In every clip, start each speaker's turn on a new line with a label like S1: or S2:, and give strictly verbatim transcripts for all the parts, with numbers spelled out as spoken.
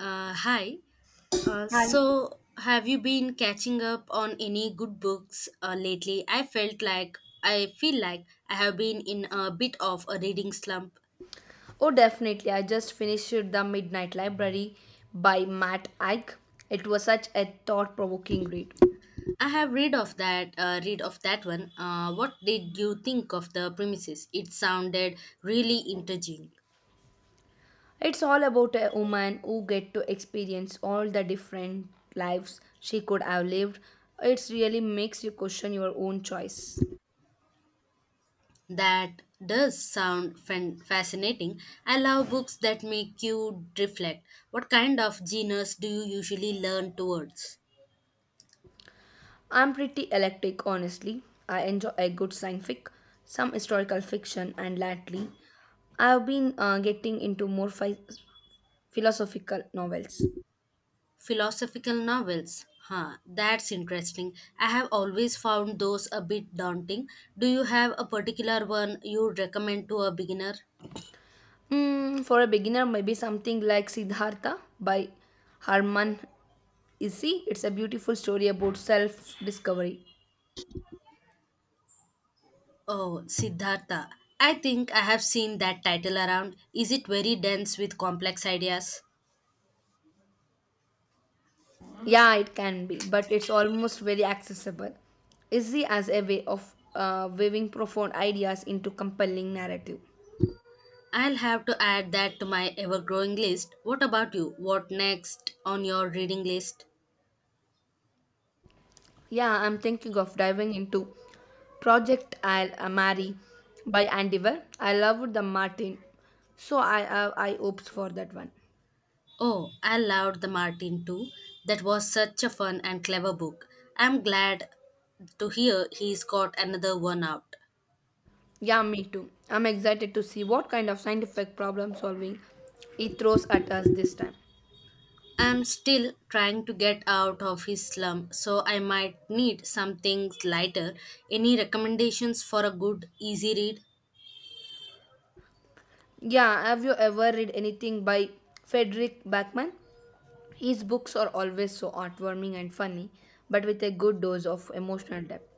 S1: Uh, hi. Uh,
S2: And
S1: so, have you been catching up on any good books uh, lately? I felt like I feel like I have been in a bit of a reading slump.
S2: oh, definitely, I just finished The Midnight Library by Matt Ike. It was such a thought provoking read.
S1: I have read of that. Uh, read of that one. Uh, what did you think of the premises? It sounded really intriguing.
S2: It's all about a woman who get to experience all the different lives she could have lived. It really makes you question your own choice.
S1: That does sound fan- fascinating. I love books that make you reflect. What kind of genres do you usually learn towards?
S2: I'm pretty eclectic, honestly. I enjoy a good science fic, some historical fiction, and lately, I've been uh, getting into more phi- philosophical novels.
S1: Philosophical novels. Huh, that's interesting. I have always found those a bit daunting. Do you have a particular one you would recommend to a beginner?
S2: Mm, for a beginner, maybe something like Siddhartha by Harman Isi. It's a beautiful story about self discovery.
S1: Oh, Siddhartha. I think I have seen that title around. Is it very dense with complex ideas?
S2: Yeah, it can be, but it's almost very accessible. Isi as a way of uh, weaving profound ideas into compelling narrative.
S1: I'll have to add that to my ever growing list. What about you? What next on your reading list?
S2: Yeah, I'm thinking of diving into Project I'll uh, Marry by Andy Weir. I loved the Martin, so I uh, I opts for that one.
S1: Oh, I loved The Martin too. That was such a fun and clever book. I'm glad to hear he's got another one out.
S2: Yeah, me too. I'm excited to see what kind of scientific problem solving it throws at us this time.
S1: I'm still trying to get out of his slum, so I might need something lighter. Any recommendations for a good, easy read?
S2: Yeah, have you ever read anything by Frederick Backman? His books are always so heartwarming and funny, but with a good dose of emotional depth.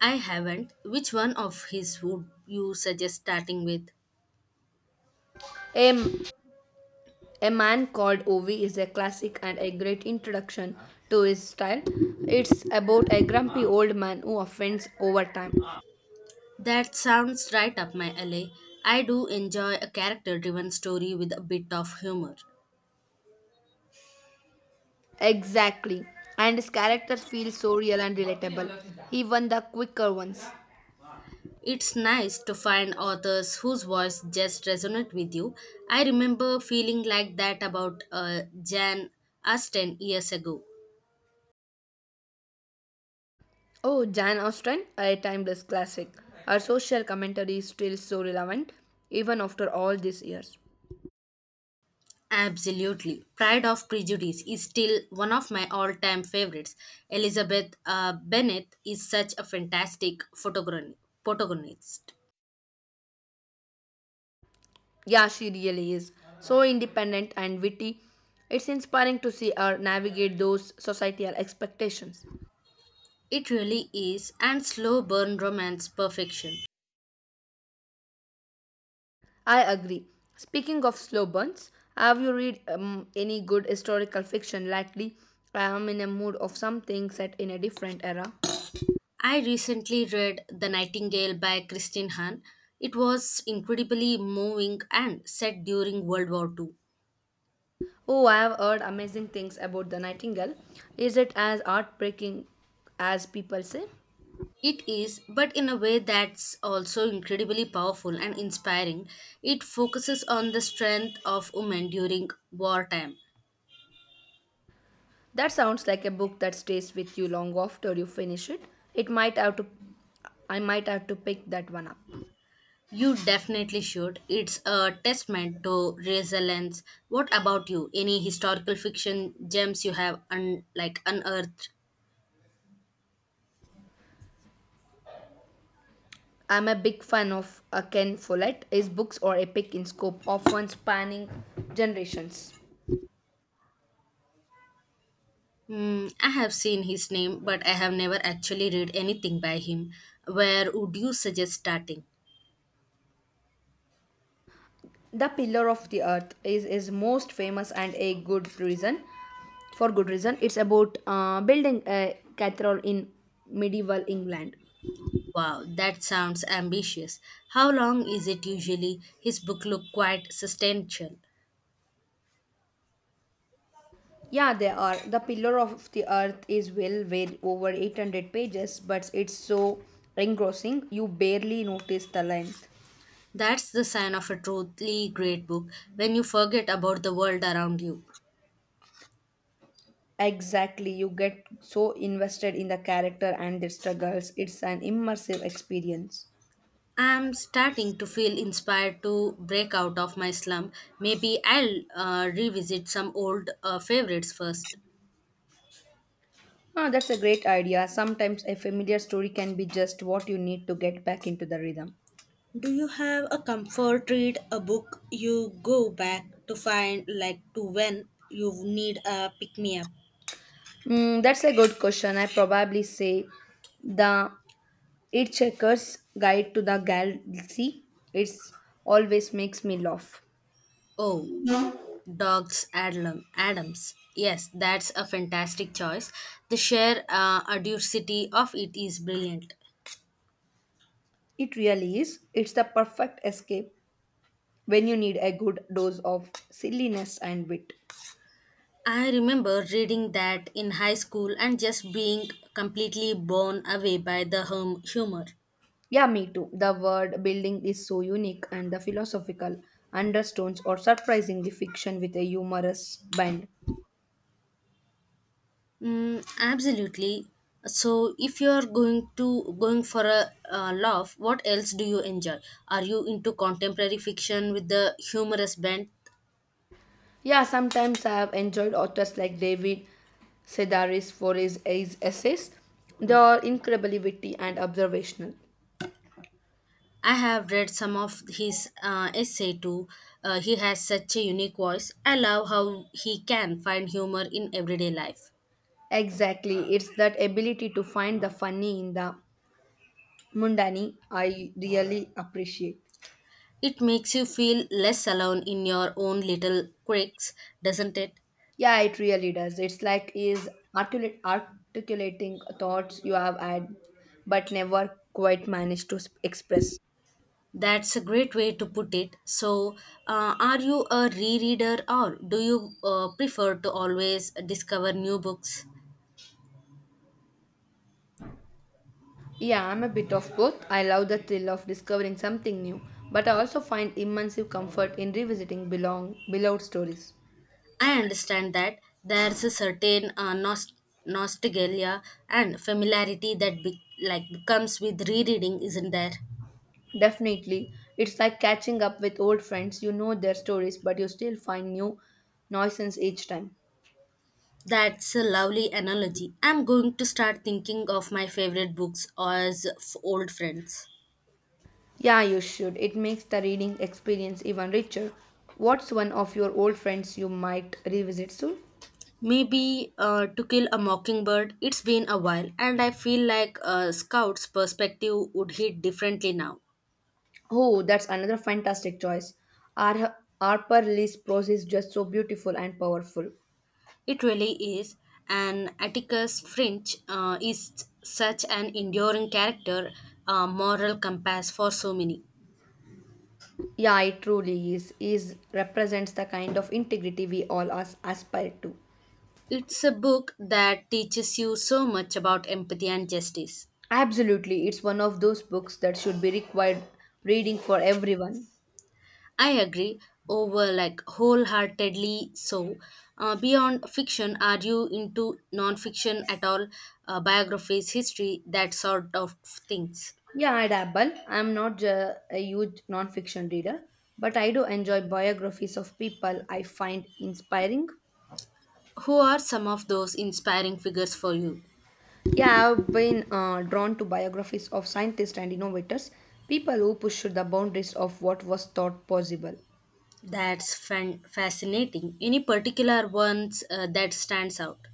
S1: I haven't. Which one of his would you suggest starting with?
S2: A, a Man Called Ovi is a classic and a great introduction to his style. It's about a grumpy old man who offends over time.
S1: That sounds right up my alley. I do enjoy a character driven story with a bit of humor.
S2: Exactly. And his characters feel so real and relatable, even the quicker ones.
S1: It's nice to find authors whose voice just resonates with you. I remember feeling like that about uh, Jan Austen years ago.
S2: Oh, Jan Austen, a timeless classic. Her social commentary is still so relevant, even after all these years.
S1: Absolutely. Pride of Prejudice is still one of my all time favorites. Elizabeth uh, Bennet is such a fantastic photogron- protagonist.
S2: Yeah, she really is. So independent and witty. It's inspiring to see her navigate those societal expectations.
S1: It really is, and slow burn romance perfection.
S2: I agree. Speaking of slow burns, have you read um, any good historical fiction lately? I am in a mood of something set in a different era.
S1: I recently read The Nightingale by Christine Hahn. It was incredibly moving and set during World War two.
S2: Oh, I have heard amazing things about the Nightingale. Is it as heartbreaking as people say?
S1: It is, but in a way that's also incredibly powerful and inspiring. It focuses on the strength of women during wartime.
S2: That sounds like a book that stays with you long after you finish it. It might have to I might have to pick that one up.
S1: You definitely should. It's a testament to resilience. What about you? Any historical fiction gems you have un- like unearthed?
S2: I'm a big fan of uh, Ken Follett. His books are epic in scope, often spanning generations.
S1: Hmm, I have seen his name, but I have never actually read anything by him. Where would you suggest starting?
S2: The Pillar of the Earth is his most famous and a good reason for good reason. It's about uh, building a cathedral in medieval England.
S1: Wow, that sounds ambitious. How long is it usually? His book look quite substantial.
S2: Yeah, there are. The Pillar of the Earth is well weighed over eight hundred pages, but it's so engrossing you barely notice the length.
S1: That's the sign of a truly great book when you forget about the world around you.
S2: Exactly, you get so invested in the character and their struggles. It's an immersive experience.
S1: I'm starting to feel inspired to break out of my slump. Maybe I'll uh, revisit some old uh, favorites first.
S2: Ah, that's a great idea. Sometimes a familiar story can be just what you need to get back into the rhythm.
S1: Do you have a comfort read, a book you go back to find, like to when you need a pick me up?
S2: Mm, that's a good question. I probably say the It Checkers Guide to the Galaxy. It's always makes me laugh.
S1: Oh, Dogs Adlam Adams. Yes, that's a fantastic choice. The sheer uh, audacity of it is brilliant.
S2: It really is. It's the perfect escape when you need a good dose of silliness and wit.
S1: I remember reading that in high school and just being completely blown away by the hum- humor.
S2: Yeah, me too. The word building is so unique, and the philosophical undertones are surprisingly fiction with a humorous bend.
S1: Mm, absolutely. So, if you're going to going for a uh, laugh, what else do you enjoy? Are you into contemporary fiction with the humorous bent?
S2: Yeah, sometimes I have enjoyed authors like David Sedaris for his, his essays. They are incredibly witty and observational.
S1: I have read some of his uh, essay too. Uh, he has such a unique voice. I love how he can find humor in everyday life.
S2: Exactly, it's that ability to find the funny in the mundane I really appreciate.
S1: It makes you feel less alone in your own little quirks, doesn't it?
S2: Yeah, it really does. It's like is articulate, articulating thoughts you have had but never quite managed to s- express.
S1: That's a great way to put it. So, uh, are you a rereader or do you uh, prefer to always discover new books?
S2: Yeah, I'm a bit of both. I love the thrill of discovering something new, but I also find immense comfort in revisiting belong beloved stories.
S1: I understand that there's a certain uh, nost- nostalgia and familiarity that be- like comes with rereading, isn't there?
S2: Definitely, it's like catching up with old friends. You know their stories, but you still find new nuisance each time.
S1: That's a lovely analogy. I'm going to start thinking of my favorite books as f- old friends.
S2: Yeah, you should. It makes the reading experience even richer. What's one of your old friends you might revisit soon?
S1: Maybe uh, To Kill a Mockingbird, it's been a while, and I feel like a scout's perspective would hit differently now.
S2: Oh, that's another fantastic choice. Ar- Harper Lee's prose is just so beautiful and powerful.
S1: It really is, and Atticus Finch uh, is such an enduring character, a moral compass for so many.
S2: Yeah, it truly is. Is represents the kind of integrity we all as- aspire to.
S1: It's a book that teaches you so much about empathy and justice.
S2: Absolutely, it's one of those books that should be required reading for everyone.
S1: I agree over like wholeheartedly so. Uh, beyond fiction, are you into non-fiction at all? Uh, biographies, history, that sort of things.
S2: Yeah, I dabble. I'm not ju- a huge nonfiction reader, but I do enjoy biographies of people I find inspiring.
S1: Who are some of those inspiring figures for you?
S2: Yeah, I've been uh, drawn to biographies of scientists and innovators, people who pushed the boundaries of what was thought possible.
S1: That's fan- fascinating. Any particular ones uh, that stands out?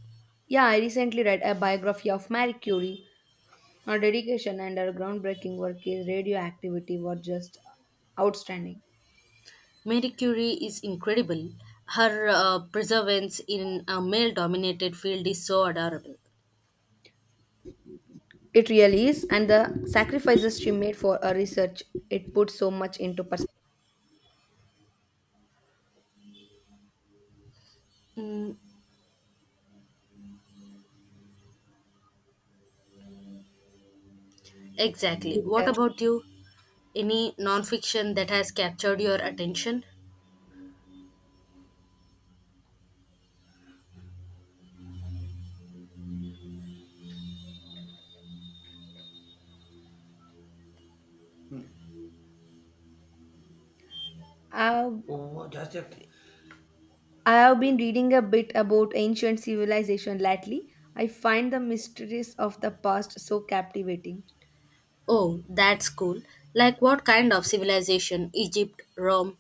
S2: Yeah, I recently read a biography of Marie Curie. Her dedication and her groundbreaking work in radioactivity were just outstanding.
S1: Marie Curie is incredible. Her uh, perseverance in a male-dominated field is so adorable.
S2: It really is, and the sacrifices she made for her research, it puts so much into
S1: Mm, exactly. What
S2: perspective.
S1: about you? Any nonfiction that has captured your attention?
S2: I've, Oh, just a I have been reading a bit about ancient civilization lately. I find the mysteries of the past so captivating.
S1: Oh, that's cool. Like what kind of civilization? Egypt, Rome?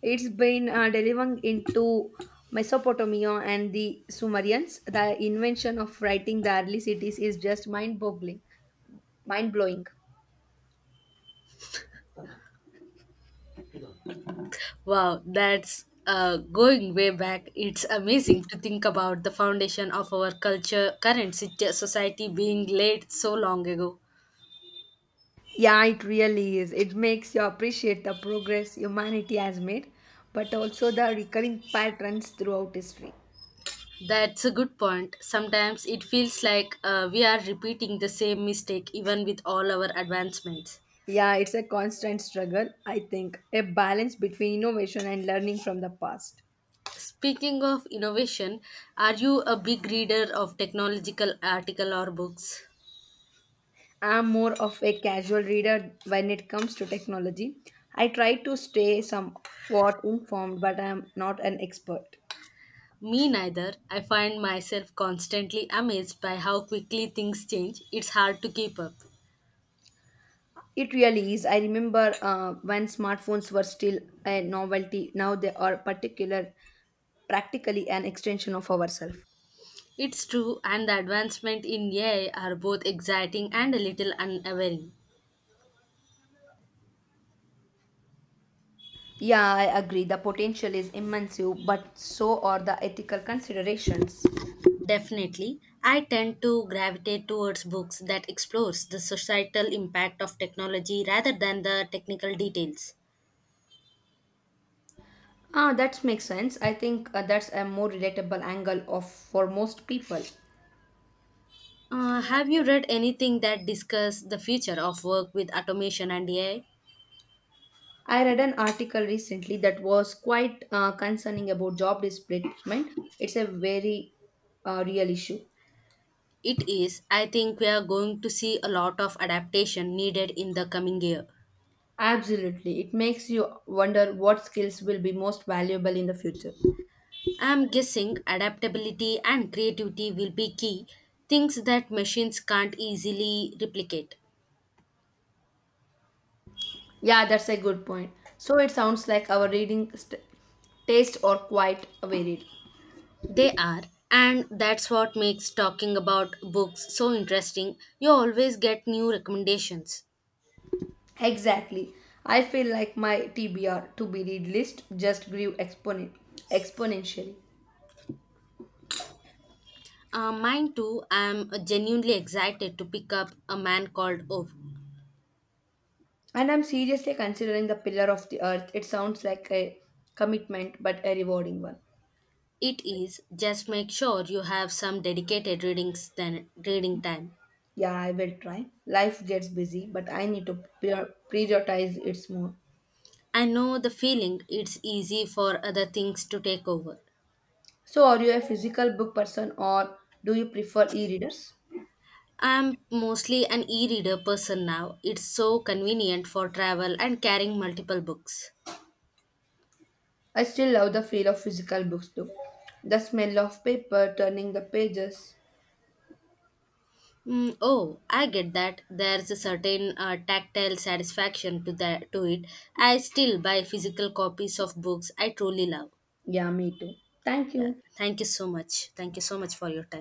S2: It's been uh, delving into Mesopotamia and the Sumerians. The invention of writing the early cities is just mind-boggling, mind-blowing.
S1: Wow, that's uh, going way back. It's amazing to think about the foundation of our culture, current sit- society being laid so long ago.
S2: Yeah, it really is. It makes you appreciate the progress humanity has made, but also the recurring patterns throughout history.
S1: That's a good point. Sometimes it feels like uh, we are repeating the same mistake even with all our advancements.
S2: Yeah, it's a constant struggle, I think. A balance between innovation and learning from the past.
S1: Speaking of innovation, are you a big reader of technological article or books?
S2: I'm more of a casual reader when it comes to technology. I try to stay somewhat informed, but I'm not an expert.
S1: Me neither. I find myself constantly amazed by how quickly things change. It's hard to keep up.
S2: It really is. I remember uh, when smartphones were still a novelty, now they are particular, practically an extension of ourselves.
S1: It's true, and the advancement in A I are both exciting and a little unnerving.
S2: Yeah, I agree. The potential is immense, but so are the ethical considerations.
S1: Definitely, I tend to gravitate towards books that explores the societal impact of technology rather than the technical details.
S2: Ah, that makes sense. I think uh, that's a more relatable angle of for most people.
S1: Uh, have you read anything that discuss the future of work with automation and A I?
S2: I read an article recently that was quite uh, concerning about job displacement. It's a very uh, real issue.
S1: It is, I think we are going to see a lot of adaptation needed in the coming year.
S2: Absolutely. It makes you wonder what skills will be most valuable in the future.
S1: I am guessing adaptability and creativity will be key, things that machines can't easily replicate.
S2: Yeah, that's a good point. So it sounds like our reading st- taste are quite varied.
S1: They are, and that's what makes talking about books so interesting. You always get new recommendations.
S2: Exactly. I feel like my T B R to be read list just grew exponent exponentially.
S1: Uh, mine too, I am genuinely excited to pick up A Man Called Ove.
S2: And I'm seriously considering the pillar of the earth. It sounds like a commitment but a rewarding one.
S1: It is just make sure you have some dedicated readings than reading time.
S2: Yeah, I will try. Life gets busy, but I need to prior- prioritize it more.
S1: I know the feeling it's easy for other things to take over.
S2: So, are you a physical book person or do you prefer e readers?
S1: I'm mostly an e-reader person now. It's so convenient for travel and carrying multiple books.
S2: I still love the feel of physical books though. The smell of paper, turning the pages.
S1: Mm, oh, I get that. There's a certain uh, tactile satisfaction to that to it. I still buy physical copies of books I truly love.
S2: Yeah, me too. Thank
S1: Yeah.
S2: you.
S1: Thank you so much. Thank you so much for your time.